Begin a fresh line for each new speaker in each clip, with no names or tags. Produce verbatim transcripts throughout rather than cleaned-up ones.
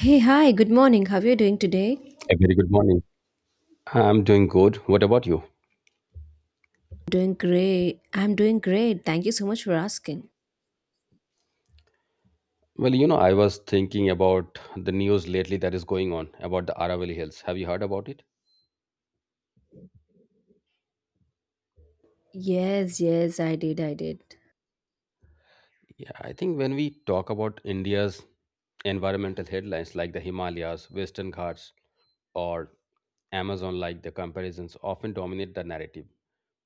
Hey, hi, good morning. How are you doing today?
A very good morning. I'm doing good. What about you?
Doing great. I'm doing great. Thank you so much for asking.
Well, you know, I was thinking about the news lately that is going on about the Aravalli Hills. Have you heard about it?
Yes, yes, I did. I did.
Yeah, I think when we talk about India's environmental headlines like the Himalayas, Western Ghats, or Amazon, like the comparisons often dominate the narrative.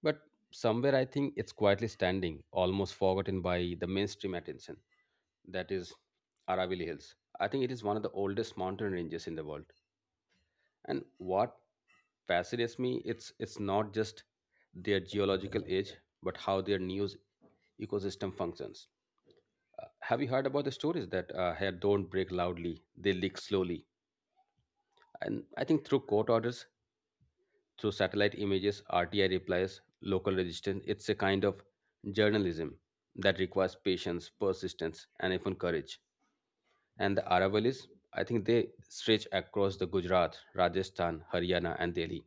But somewhere I think it's quietly standing, almost forgotten by the mainstream attention. That is Aravalli Hills. I think it is one of the oldest mountain ranges in the world. And what fascinates me it's it's not just their geological age, but how their news ecosystem functions. Uh, have you heard about the stories that uh, hair don't break loudly; they leak slowly? And I think through court orders, through satellite images, R T I replies, local resistance, it's a kind of journalism that requires patience, persistence, and even courage. And the Aravalis, I think they stretch across the Gujarat, Rajasthan, Haryana, and Delhi.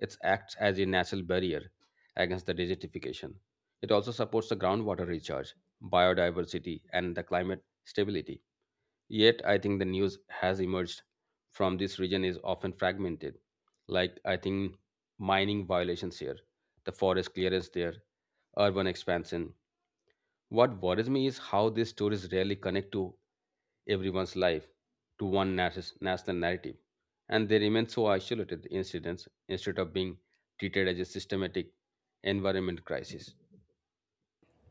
It acts as a natural barrier against the desertification. It also supports the groundwater recharge, biodiversity, and the climate stability. Yet, I think the news has emerged from this region is often fragmented. Like, I think mining violations here, the forest clearance there, urban expansion, what worries me is how these stories rarely connect to everyone's life, to one nas- national narrative, and they remain so isolated incidents instead of being treated as a systematic environment crisis.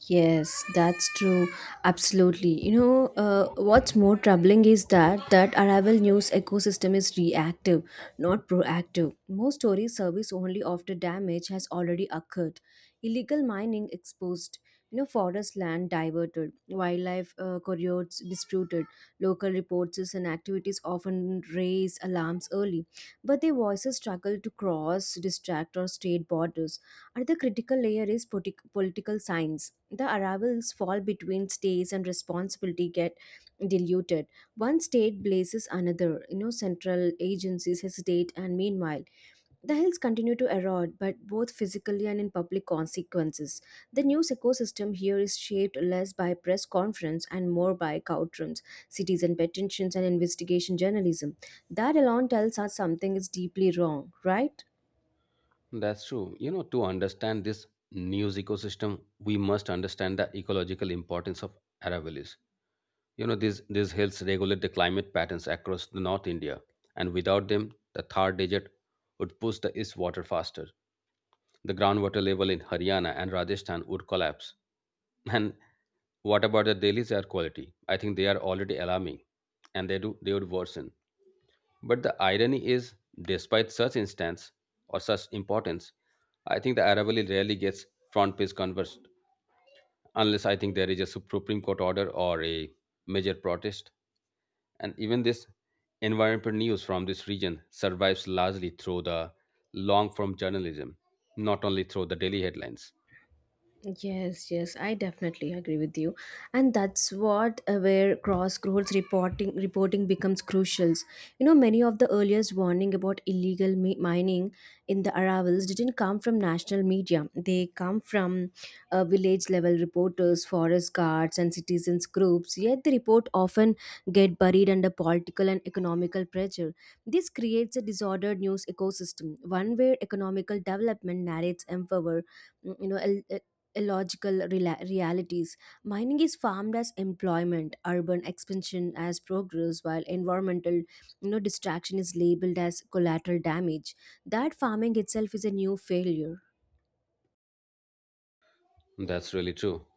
Yes, that's true. Absolutely. You know, uh, what's more troubling is that that arrival news ecosystem is reactive, not proactive. Most stories service only after damage has already occurred. Illegal mining exposed. You know, forest land diverted, wildlife uh, corridors disputed. Local reports and activities often raise alarms early, but their voices struggle to cross, distract, or state borders. Another critical layer is politi- political science. The arrivals fall between states and responsibility get diluted. One state blazes another. You know, central agencies hesitate, and meanwhile, the hills continue to erode, but both physically and in public consequences. The news ecosystem here is shaped less by press conference and more by courtrooms, citizen petitions, and investigation journalism. That alone tells us something is deeply wrong, right?
That's true. You know, to understand this news ecosystem, we must understand the ecological importance of Aravallis. You know, these, these hills regulate the climate patterns across the North India, and without them, the Thar Desert would push the east water faster. The groundwater level in Haryana and Rajasthan would collapse. And what about the Delhi's air quality? I think they are already alarming and they do they would worsen. But the irony is, despite such instance or such importance, I think the Aravalli rarely gets front page conversed unless I think there is a Supreme Court order or a major protest. And even this environmental news from this region survives largely through the long form journalism, not only through the daily headlines.
Yes, yes, I definitely agree with you, and that's what uh, where crossroads reporting reporting becomes crucial. You know, many of the earliest warning about illegal mi- mining in the arrivals didn't come from national media. They come from uh, village level reporters, forest guards, and citizens groups. Yet the report often get buried under political and economical pressure. This creates a disordered news ecosystem, one where economical development narrates empower you know illogical rela- realities. Mining is farmed as employment, urban expansion as progress, while environmental you know, distraction is labeled as collateral damage. That farming itself is a new failure.
That's really true.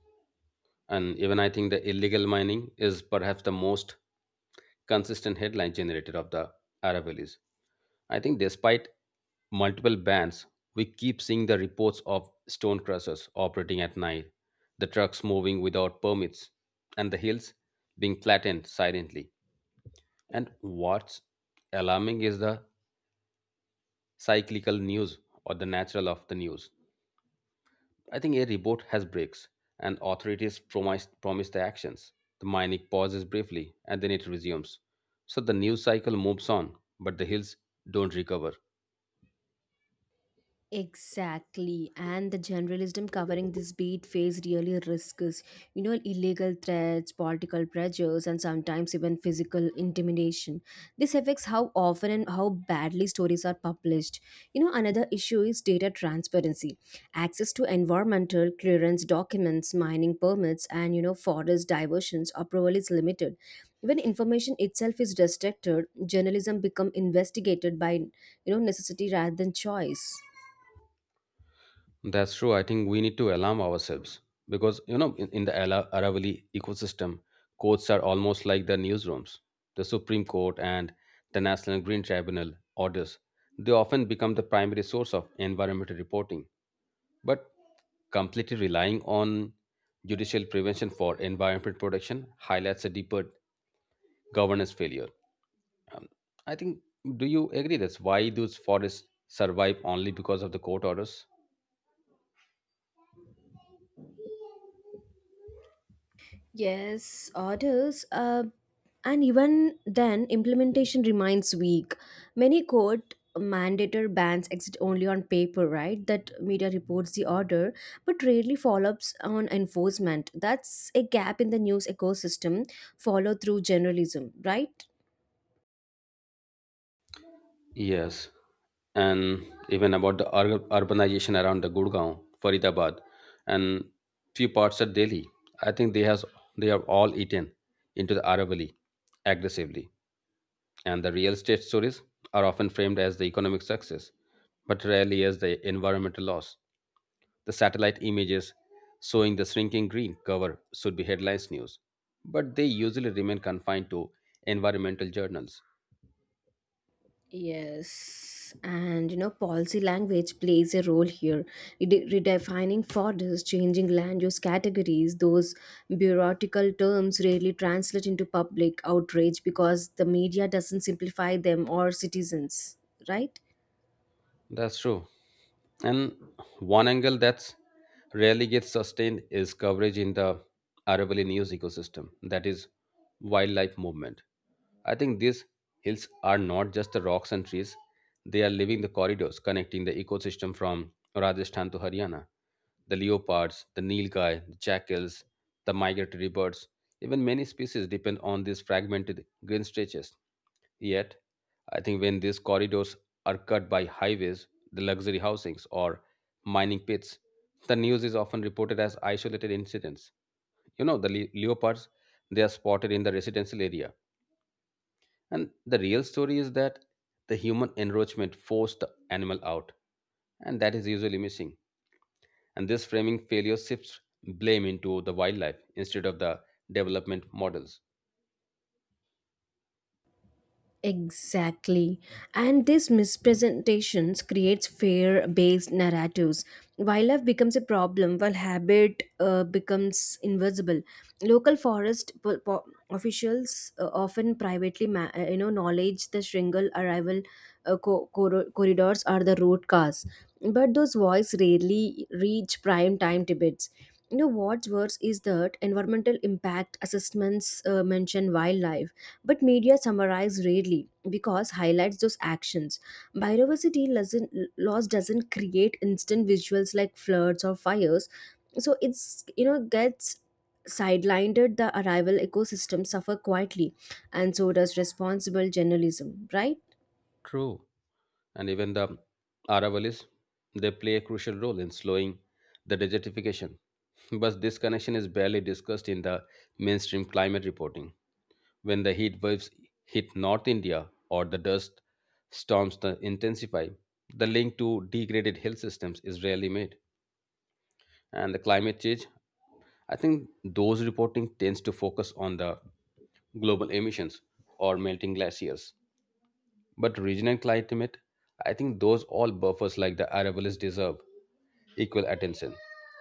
And even I think the illegal mining is perhaps the most consistent headline generator of the Aravallis. I think despite multiple bans, we keep seeing the reports of stone crushers operating at night, the trucks moving without permits, and the hills being flattened silently. And what's alarming is the cyclical news or the natural of the news. I think a report has breaks, and authorities promise, promise the actions. The mining pauses briefly, and then it resumes. So the news cycle moves on, but the hills don't recover.
Exactly, and the generalism covering this beat phase really risks, you know, illegal threats, political pressures, and sometimes even physical intimidation. This affects how often and how badly stories are published. You know, another issue is data transparency. Access to environmental clearance documents, mining permits, and you know, forest diversions approval is limited. When information itself is restricted, journalism become investigated by you know necessity rather than choice.
That's true. I think we need to alarm ourselves because, you know, in, in the Ala- Aravalli ecosystem, courts are almost like the newsrooms. The Supreme Court and the National Green Tribunal orders, they often become the primary source of environmental reporting. But completely relying on judicial prevention for environment protection highlights a deeper governance failure. Um, I think, do you agree that's why those forests survive only because of the court orders?
Yes, orders. Uh, and even then, implementation remains weak. Many court mandator bans exist only on paper, right? That media reports the order, but rarely follow-ups on enforcement. That's a gap in the news ecosystem. Follow through journalism, right?
Yes. And even about the ur- urbanization around the Gurgaon, Faridabad, and few parts of Delhi, I think they has they are all eaten into the Aravalli aggressively. And the real estate stories are often framed as the economic success, but rarely as the environmental loss. The satellite images showing the shrinking green cover should be headlines news, but they usually remain confined to environmental journals.
Yes, and you know, policy language plays a role here. Rede- redefining borders, changing land use categories, those bureaucratic terms rarely translate into public outrage because the media doesn't simplify them or citizens, right?
That's true. And one angle that's rarely gets sustained is coverage in the Aravalli news ecosystem, that is, wildlife movement. I think these hills are not just the rocks and trees, they are living the corridors connecting the ecosystem from Rajasthan to Haryana. The leopards, the nilgai, the jackals, the migratory birds, even many species depend on these fragmented green stretches. Yet, I think when these corridors are cut by highways, the luxury housings, or mining pits, the news is often reported as isolated incidents. You know, the le- leopards, they are spotted in the residential area. And the real story is that the human encroachment forced the animal out, and that is usually missing. And this framing failure shifts blame into the wildlife instead of the development models.
Exactly. And these mispresentations creates fear-based narratives. Wildlife becomes a problem while habit uh, becomes invisible. Local forest po- po- officials uh, often privately ma- uh, you know knowledge the Shringal arrival uh, co- cor- corridors are the root cause. But those voices rarely reach prime time Tibets. You know what's worse is that environmental impact assessments uh, mention wildlife but media summarize rarely because highlights those actions. Biodiversity doesn't, Loss doesn't create instant visuals like floods or fires, so it's you know gets sidelined. The arrival ecosystem suffer quietly, and so does responsible journalism, right?
True. And even the Aravallis, they play a crucial role in slowing the desertification. But this connection is barely discussed in the mainstream climate reporting. When the heat waves hit North India or the dust storms that intensify, the link to degraded hill systems is rarely made. And the climate change, I think those reporting tends to focus on the global emissions or melting glaciers but regional climate, I think those all buffers like the Aravallis deserve equal attention,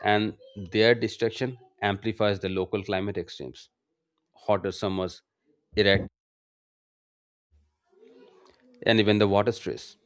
and their destruction amplifies the local climate extremes, hotter summers, erect, and even the water stress.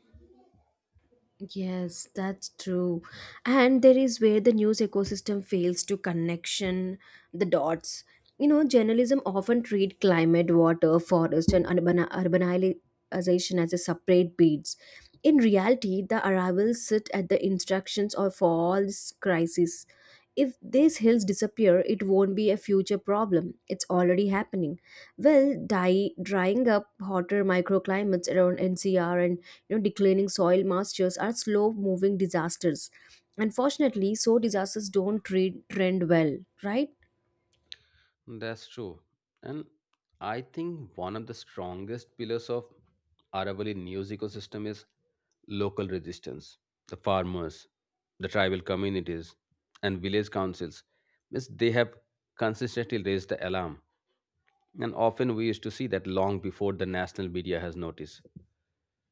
Yes, that's true. And there is where the news ecosystem fails to connection the dots. You know, journalism often treat climate, water, forest, and urban urbanization as a separate beats. In reality, the arrivals sit at the instructions of all these crises. If these hills disappear, it won't be a future problem. It's already happening. Well, die, drying up hotter microclimates around N C R and you know, declining soil moistures are slow moving disasters. Unfortunately, so disasters don't trade, trend well, right?
That's true. And I think one of the strongest pillars of Aravalli news ecosystem is local resistance. The farmers, the tribal communities, and village councils, means they have consistently raised the alarm. And often we used to see that long before the national media has noticed.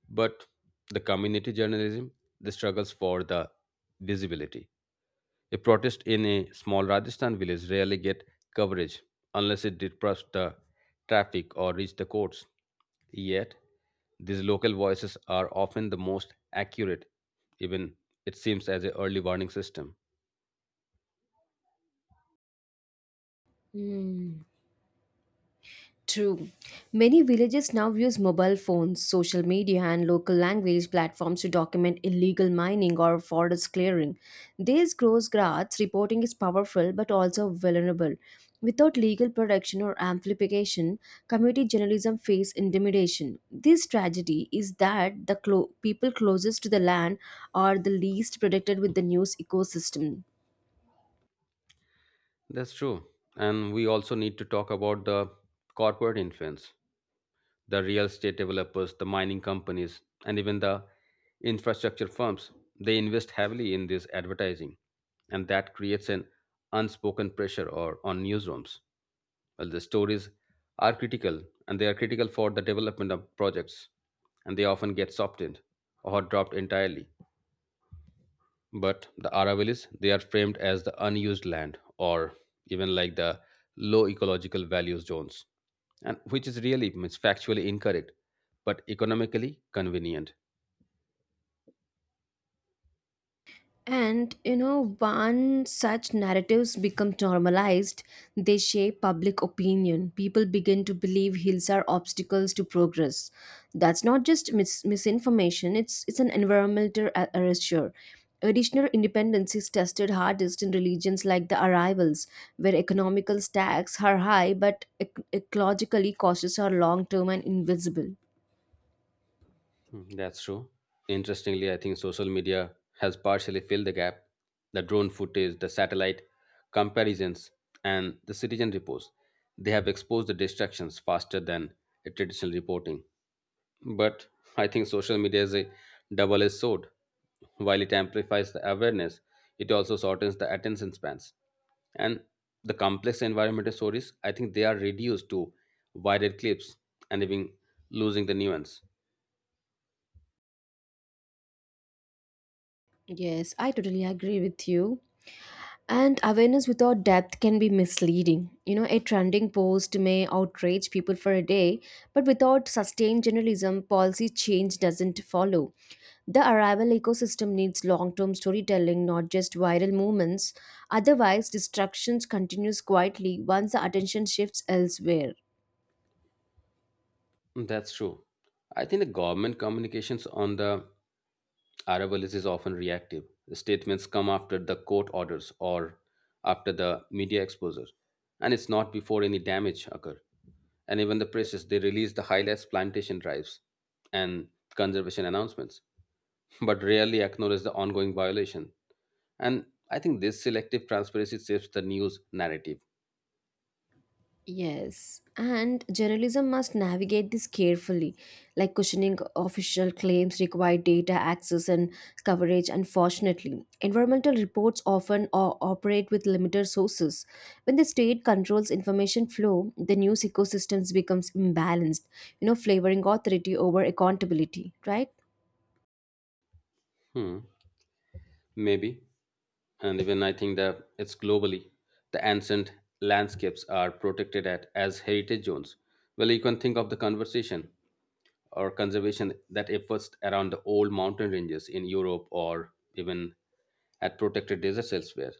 But the community journalism, the struggles for the visibility. A protest in a small Rajasthan village rarely get coverage unless it disrupts the traffic or reach the courts. Yet, these local voices are often the most accurate, even it seems as a early warning system.
True. Many villages now use mobile phones, social media, and local language platforms to document illegal mining or forest clearing. These gross grads reporting is powerful but also vulnerable. Without legal protection or amplification, community journalism face intimidation. This tragedy is that the clo- people closest to the land are the least protected with the news ecosystem.
That's true. And we also need to talk about the corporate influence. The real estate developers, the mining companies, and even the infrastructure firms. They invest heavily in this advertising, and that creates an unspoken pressure or on newsrooms. Well, the stories are critical, and they are critical for the development of projects, and they often get softened or dropped entirely. But the Aravallis, they are framed as the unused land or even like the low ecological values zones, and which is really means factually incorrect, but economically convenient.
And you know, once such narratives become normalized, they shape public opinion. People begin to believe hills are obstacles to progress. That's not just mis- misinformation, it's, it's an environmental a- erasure. Additional independence is tested hardest in religions like the Arrivals, where economical stacks are high but ec- ecologically costs are long term and invisible.
Hmm. That's true. Interestingly, I think social media has partially filled the gap. The drone footage, the satellite comparisons, and the citizen reports. They have exposed the distractions faster than a traditional reporting. But I think social media is a double edged sword. While it amplifies the awareness, it also shortens the attention spans. And the complex environmental stories, I think they are reduced to viral clips and even losing the nuance.
Yes, I totally agree with you. And awareness without depth can be misleading. You know, a trending post may outrage people for a day, but without sustained journalism, policy change doesn't follow. The arrival ecosystem needs long term storytelling, not just viral movements. Otherwise, destruction continues quietly once the attention shifts elsewhere.
That's true. I think the government communications on the Aravallis is often reactive. The statements come after the court orders or after the media exposure, and it's not before any damage occur. And even the presses, they release the highlights, plantation drives, and conservation announcements, but rarely acknowledge the ongoing violation. And I think this selective transparency shapes the news narrative.
Yes, and journalism must navigate this carefully, like questioning official claims require data access and coverage. Unfortunately, environmental reports often o- operate with limited sources. When the state controls information flow, the news ecosystems becomes imbalanced, you know, flavoring authority over accountability, right?
Hmm. Maybe. And even I think that it's globally. The ancient landscapes are protected at, as heritage zones. Well, you can think of the conversation or conservation that efforts around the old mountain ranges in Europe or even at protected deserts elsewhere.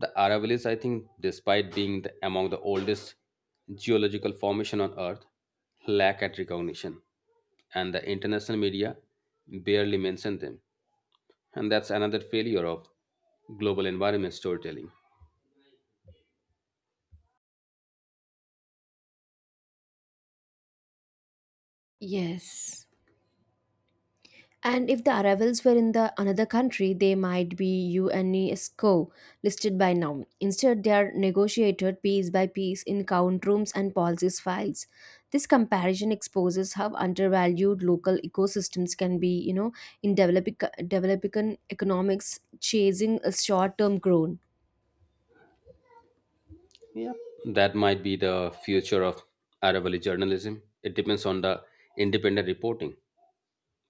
The Aravallis, I think, despite being the, among the oldest geological formation on Earth, lack at recognition, and the international media barely mention them. And that's another failure of global environment storytelling.
Yes. And if the arrivals were in the another country, they might be UNESCO listed by now. Instead, they are negotiated piece by piece in count rooms and policies files. This comparison exposes how undervalued local ecosystems can be, you know, in developing developing economics, chasing a short-term growth.
Yep. That might be the future of Aravalli journalism. It depends on the independent reporting,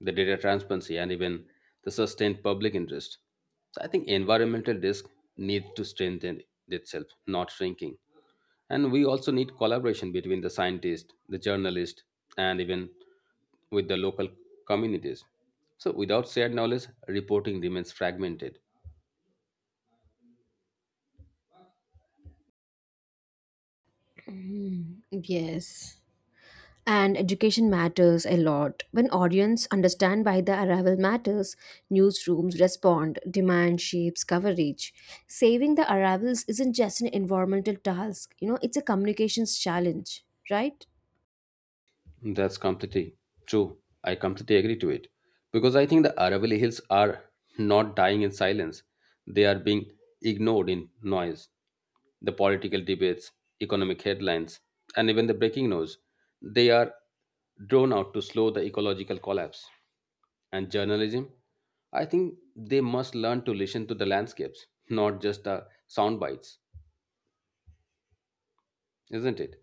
the data transparency, and even the sustained public interest. So I think environmental risk needs to strengthen itself, not shrinking. And we also need collaboration between the scientist, the journalist, and even with the local communities. So without shared knowledge, reporting remains fragmented.
Mm, yes. And education matters a lot. When audience understand why the arrival matters, newsrooms respond. Demand shapes coverage. Saving the arrivals isn't just an environmental task, you know, it's a communications challenge, right?
That's completely true. I completely agree to it. Because I think the Aravalli Hills are not dying in silence, they are being ignored in noise. The political debates, economic headlines, and even the breaking news, they are drawn out to slow the ecological collapse. And journalism, I think they must learn to listen to the landscapes, not just the sound bites, isn't it?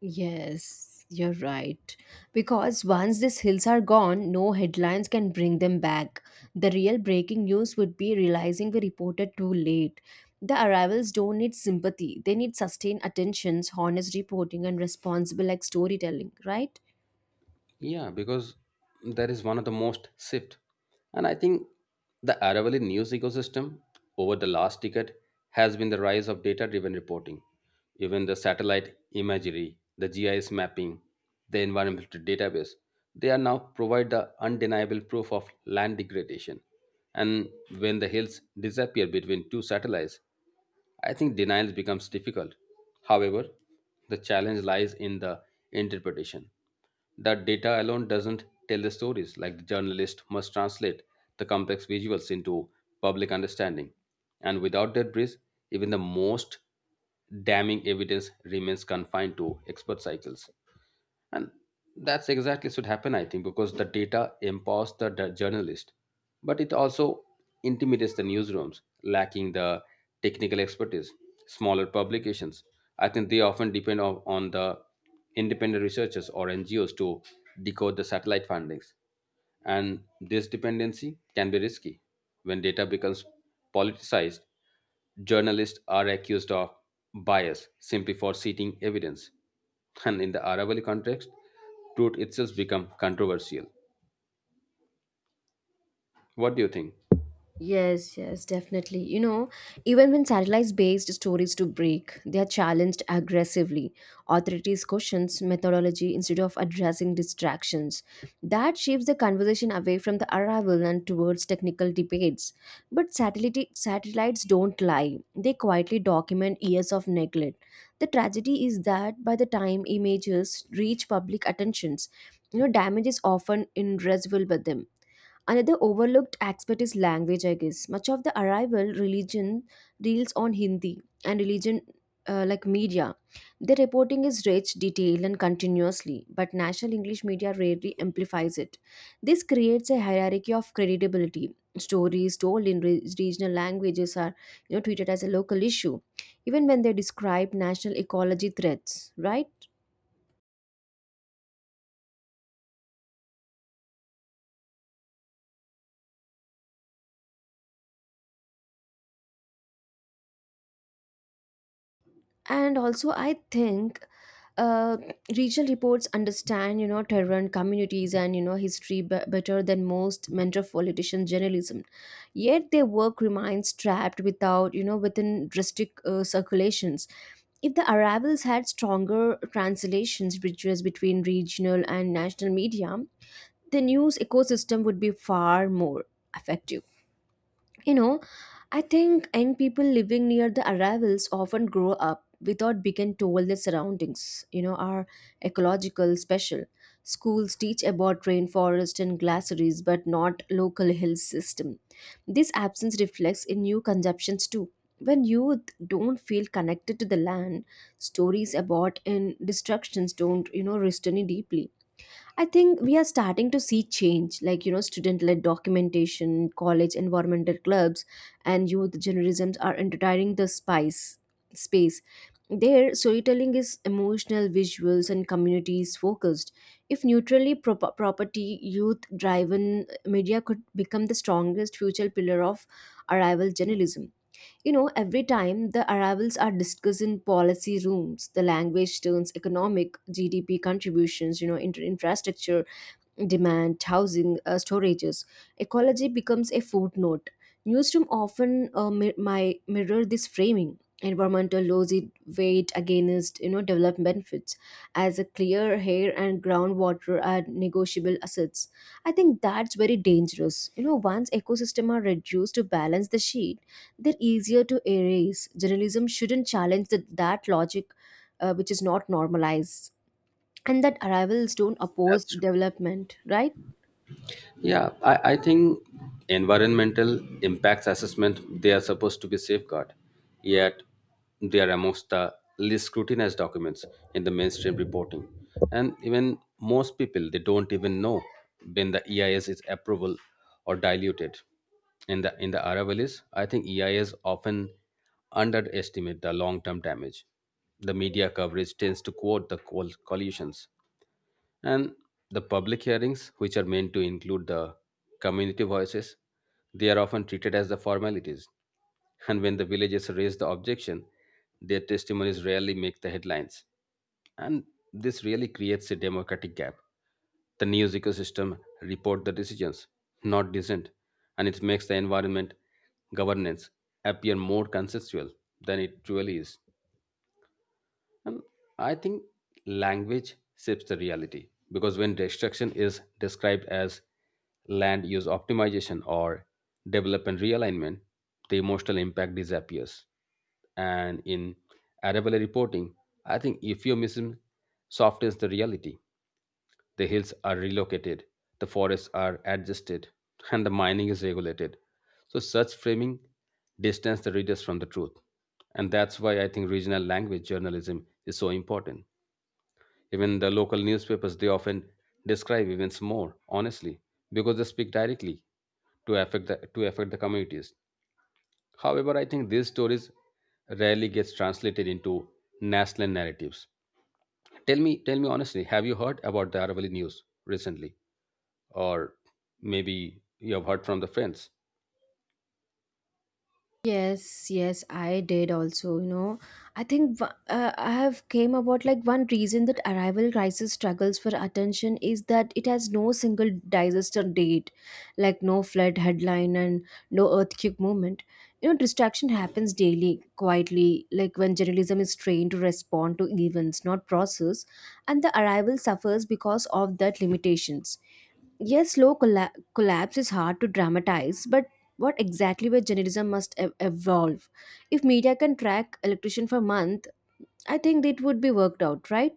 Yes, you're right. Because once these hills are gone, no headlines can bring them back. The real breaking news would be realizing we reported too late. The arrivals don't need sympathy, they need sustained attentions, honest reporting, and responsible like storytelling, right?
Yeah, because that is one of the most shift. And I think the Aravalli news ecosystem over the last decade has been the rise of data driven reporting. Even the satellite imagery, the G I S mapping, the environmental database, they are now provide the undeniable proof of land degradation. And when the hills disappear between two satellites, I think denial becomes difficult. However, the challenge lies in the interpretation. The data alone doesn't tell the stories, like the journalist must translate the complex visuals into public understanding. And without that bridge, even the most damning evidence remains confined to expert cycles. And that's exactly should happen, I think, because the data empowers the d- journalist but it also intimidates the newsrooms lacking the technical expertise. Smaller publications, I think they often depend on, on the independent researchers or N G Os to decode the satellite findings and this dependency can be risky. When data becomes politicized, journalists are accused of bias simply for citing evidence. And in the Aravalli context, truth itself becomes controversial. What do you think?
Yes, yes, definitely. You know, even when satellite-based stories to break, they are challenged aggressively. Authorities questions methodology instead of addressing distractions. That shifts the conversation away from the arrival and towards technical debates. But satellite satellites don't lie. They quietly document years of neglect. The tragedy is that by the time images reach public attentions, you know, damage is often irreversible by them. Another overlooked aspect is language, I guess. Much of the arrival religion deals on Hindi and religion uh, like media. The reporting is rich, detailed, and continuously, but national English media rarely amplifies it. This creates a hierarchy of credibility. Stories told in re- regional languages are, you know, treated as a local issue, even when they describe national ecology threats. Right? And also I think, uh, regional reports understand, you know, terrain, communities and, you know, history b- better than most metropolitan journalism. Yet their work remains trapped without, you know, within restrict uh, circulations. If the arrivals had stronger translations bridges between regional and national media, the news ecosystem would be far more effective. You know, I think young people living near the arrivals often grow up without being told their surroundings, you know, are ecological special. Schools teach about rainforest and glaciers, but not local hill system. This absence reflects in new conceptions too. When youth don't feel connected to the land, stories about and destructions don't, you know, resonate deeply. I think we are starting to see change, like, you know, student led documentation, college environmental clubs, and youth journalisms are entering the spice space. Their storytelling is emotional, visuals, and communities focused. If neutrally prop- property youth driven media could become the strongest future pillar of arrival journalism. You know, every time the arrivals are discussed in policy rooms, the language turns economic, G D P contributions, you know, inter- infrastructure demand, housing, uh, storages. Ecology becomes a footnote. Newsroom often uh, mi- my mirror this framing. Environmental laws it weighed against, you know, development benefits as a clear air and groundwater are negotiable assets. I think that's very dangerous. You know, once ecosystems are reduced to balance the sheet, they're easier to erase. Journalism shouldn't challenge that that logic, uh, which is not normalized, and that arrivals don't oppose
That's true.
development, right?
Yeah, I, I think environmental impacts assessment they are supposed to be safeguard, yet they are amongst the least scrutinized documents in the mainstream reporting. And even most people they don't even know when the E I S is approval or diluted. In the in the Aravallis, I think E I S often underestimate the long term damage. The media coverage tends to quote the col- collisions and the public hearings which are meant to include the community voices they are often treated as the formalities. And when the villagers raise the objection, their testimonies rarely make the headlines, and this really creates a democratic gap. The news ecosystem report the decisions, not dissent, and it makes the environment governance appear more consensual than it truly is. And I think language shapes the reality, because when destruction is described as land use optimization or development realignment, the emotional impact disappears. And in arable reporting, I think euphemism softens the reality. The hills are relocated, the forests are adjusted, and the mining is regulated. So, such framing distance the readers from the truth. And that's why I think regional language journalism is so important. Even the local newspapers, they often describe events more honestly because they speak directly to affect the, to affect the communities. However, I think these stories rarely gets translated into national narratives. Tell me, tell me honestly, have you heard about the Aravalli news recently? Or maybe you have heard from the friends?
Yes, yes, I did also, you know. I think w- uh, I have came about like one reason that arrival crisis struggles for attention is that it has no single disaster date, like no flood headline and no earthquake moment, you know. Distraction happens daily quietly, like when journalism is trained to respond to events not process, and the arrival suffers because of that limitations. Yes, slow colla- collapse is hard to dramatize, but what exactly where journalism must ev- evolve? If media can track electrician for a month, I think it would be worked out, right?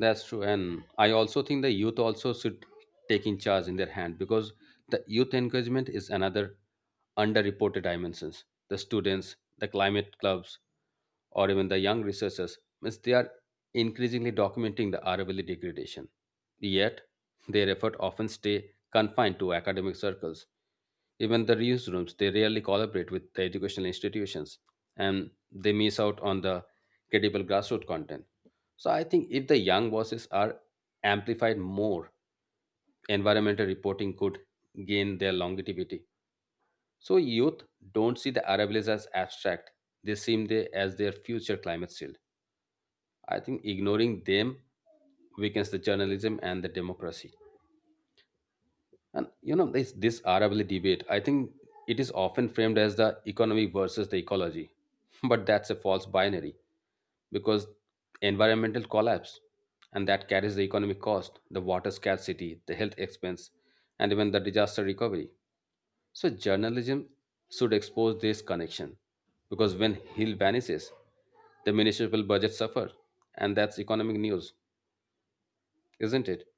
That's true, and I also think the youth also should take in charge in their hand, because the youth encouragement is another underreported dimensions. The students, the climate clubs, or even the young researchers means they are increasingly documenting the R W L degradation, yet their effort often stay confined to academic circles. Even the reuse rooms, they rarely collaborate with the educational institutions, and they miss out on the credible grassroots content. So I think if the young voices are amplified more, environmental reporting could gain their longevity. So youth don't see the arrivals as abstract. They see them as their future climate shield. I think ignoring them weakens the journalism and the democracy. And you know, this this R W A debate, I think it is often framed as the economy versus the ecology. But that's a false binary, because environmental collapse and that carries the economic cost, the water scarcity, the health expense, and even the disaster recovery. So journalism should expose this connection, because when hill vanishes, the municipal budget suffer, and that's economic news, isn't it?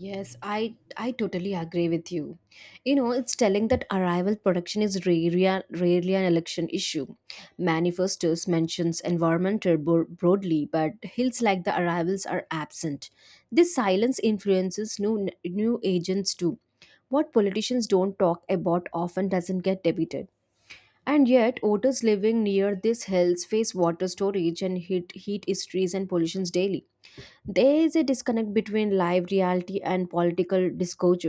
Yes, I I totally agree with you. You know, it's telling that arrival production is rarely, rarely an election issue. Manifestos mentions environment bro- broadly, but hills like the arrivals are absent. This silence influences new new agents too. What politicians don't talk about often doesn't get debated. And yet, voters living near these hills face water storage and heat, heat histories and pollutions daily. There is a disconnect between live reality and political discourse.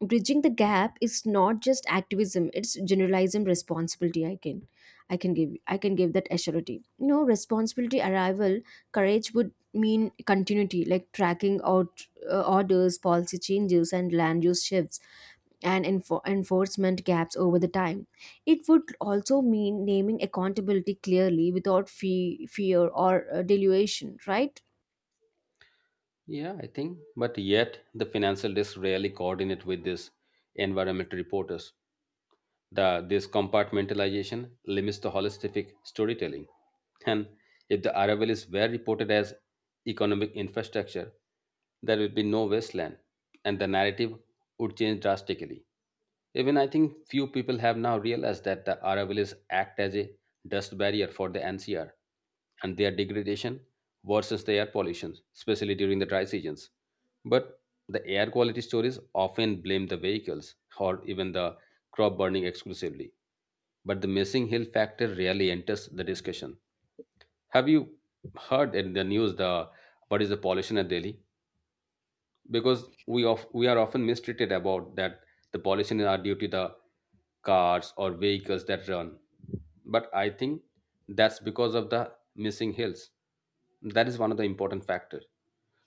Bridging the gap is not just activism; it's generalism responsibility. I can, I can give, I can give that assurity. You know, responsibility arrival courage would mean continuity, like tracking out uh, orders, policy changes, and land use shifts, and enfor- enforcement gaps over the time. It would also mean naming accountability clearly without fe- fear or uh, delusion. Right?
Yeah, I think. But yet, the financial desk rarely coordinate with this environmental reporters. The, this compartmentalization limits the holistic storytelling. And if the arrival is well reported as economic infrastructure, there will be no wasteland, and the narrative would change drastically. Even I think few people have now realized that the Aravallis act as a dust barrier for the N C R, and their degradation versus the air pollution, especially during the dry seasons. But the air quality stories often blame the vehicles or even the crop burning exclusively, but the missing hill factor rarely enters the discussion. Have you heard in the news the what is the pollution at Delhi? Because we of we are often mistreated about that the pollution are due to the cars or vehicles that run, but I think that's because of the missing hills. That is one of the important factors.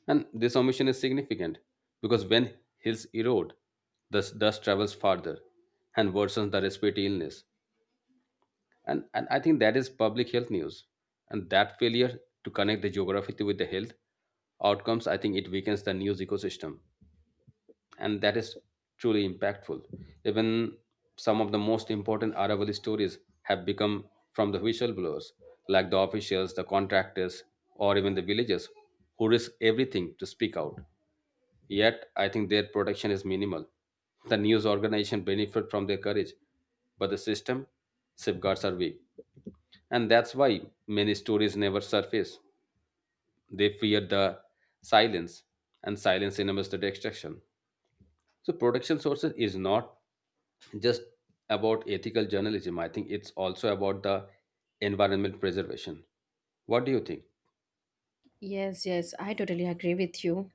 And this omission is significant, because when hills erode, the s- dust travels farther and worsens the respiratory illness. and and I think that is public health news, and that failure to connect the geography to- with the health outcomes, I think it weakens the news ecosystem, and that is truly impactful. Even some of the most important Aravalli stories have become from the whistleblowers, like the officials, the contractors, or even the villagers who risk everything to speak out. Yet I think their protection is minimal. The news organization benefit from their courage, but the system safeguards are weak, and that's why many stories never surface. They fear the silence, and silence enables the destruction. So, production sources is not just about ethical journalism. I think it's also about the environment preservation. What do you think?
Yes, yes, I totally agree with you.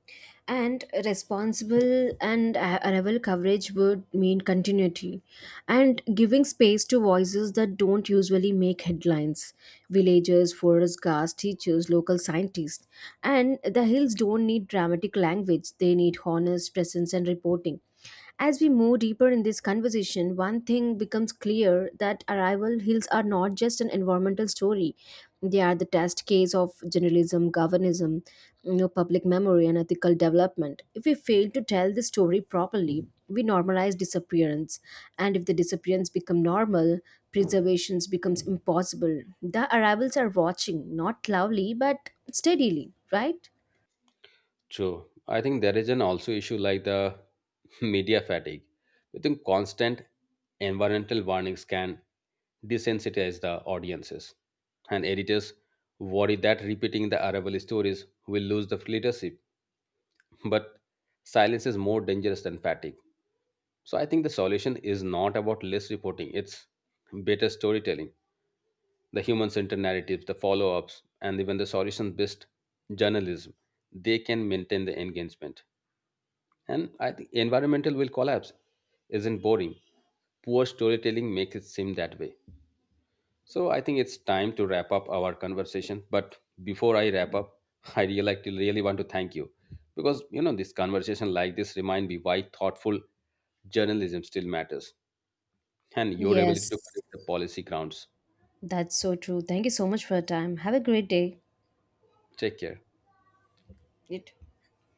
And responsible and a- arrival coverage would mean continuity and giving space to voices that don't usually make headlines: villagers, forest guards, teachers, local scientists. And the hills don't need dramatic language, they need honest presence and reporting. As we move deeper in this conversation, one thing becomes clear, that arrival hills are not just an environmental story. They are the test case of journalism, governism, you know, public memory, and ethical development. If we fail to tell the story properly, we normalize disappearance. And if the disappearance become normal, preservations becomes impossible. The arrivals are watching, not loudly, but steadily, right?
True. I think there is an also issue like the media fatigue. I think constant environmental warnings can desensitize the audiences. And editors worry that repeating the arrival stories will lose the leadership. But silence is more dangerous than fatigue. So I think the solution is not about less reporting, it's better storytelling. The human centered narratives, the follow ups, and even the solution based journalism. They can maintain the engagement. And I think environmental will collapse isn't boring. Poor storytelling makes it seem that way. So I think it's time to wrap up our conversation. But before I wrap up, I really, really want to thank you, because you know this conversation like this remind me why thoughtful journalism still matters, and your ability to
Yes,
connect the policy grounds.
that's so true. Thank you so much for your time. Have a great day.
Take care.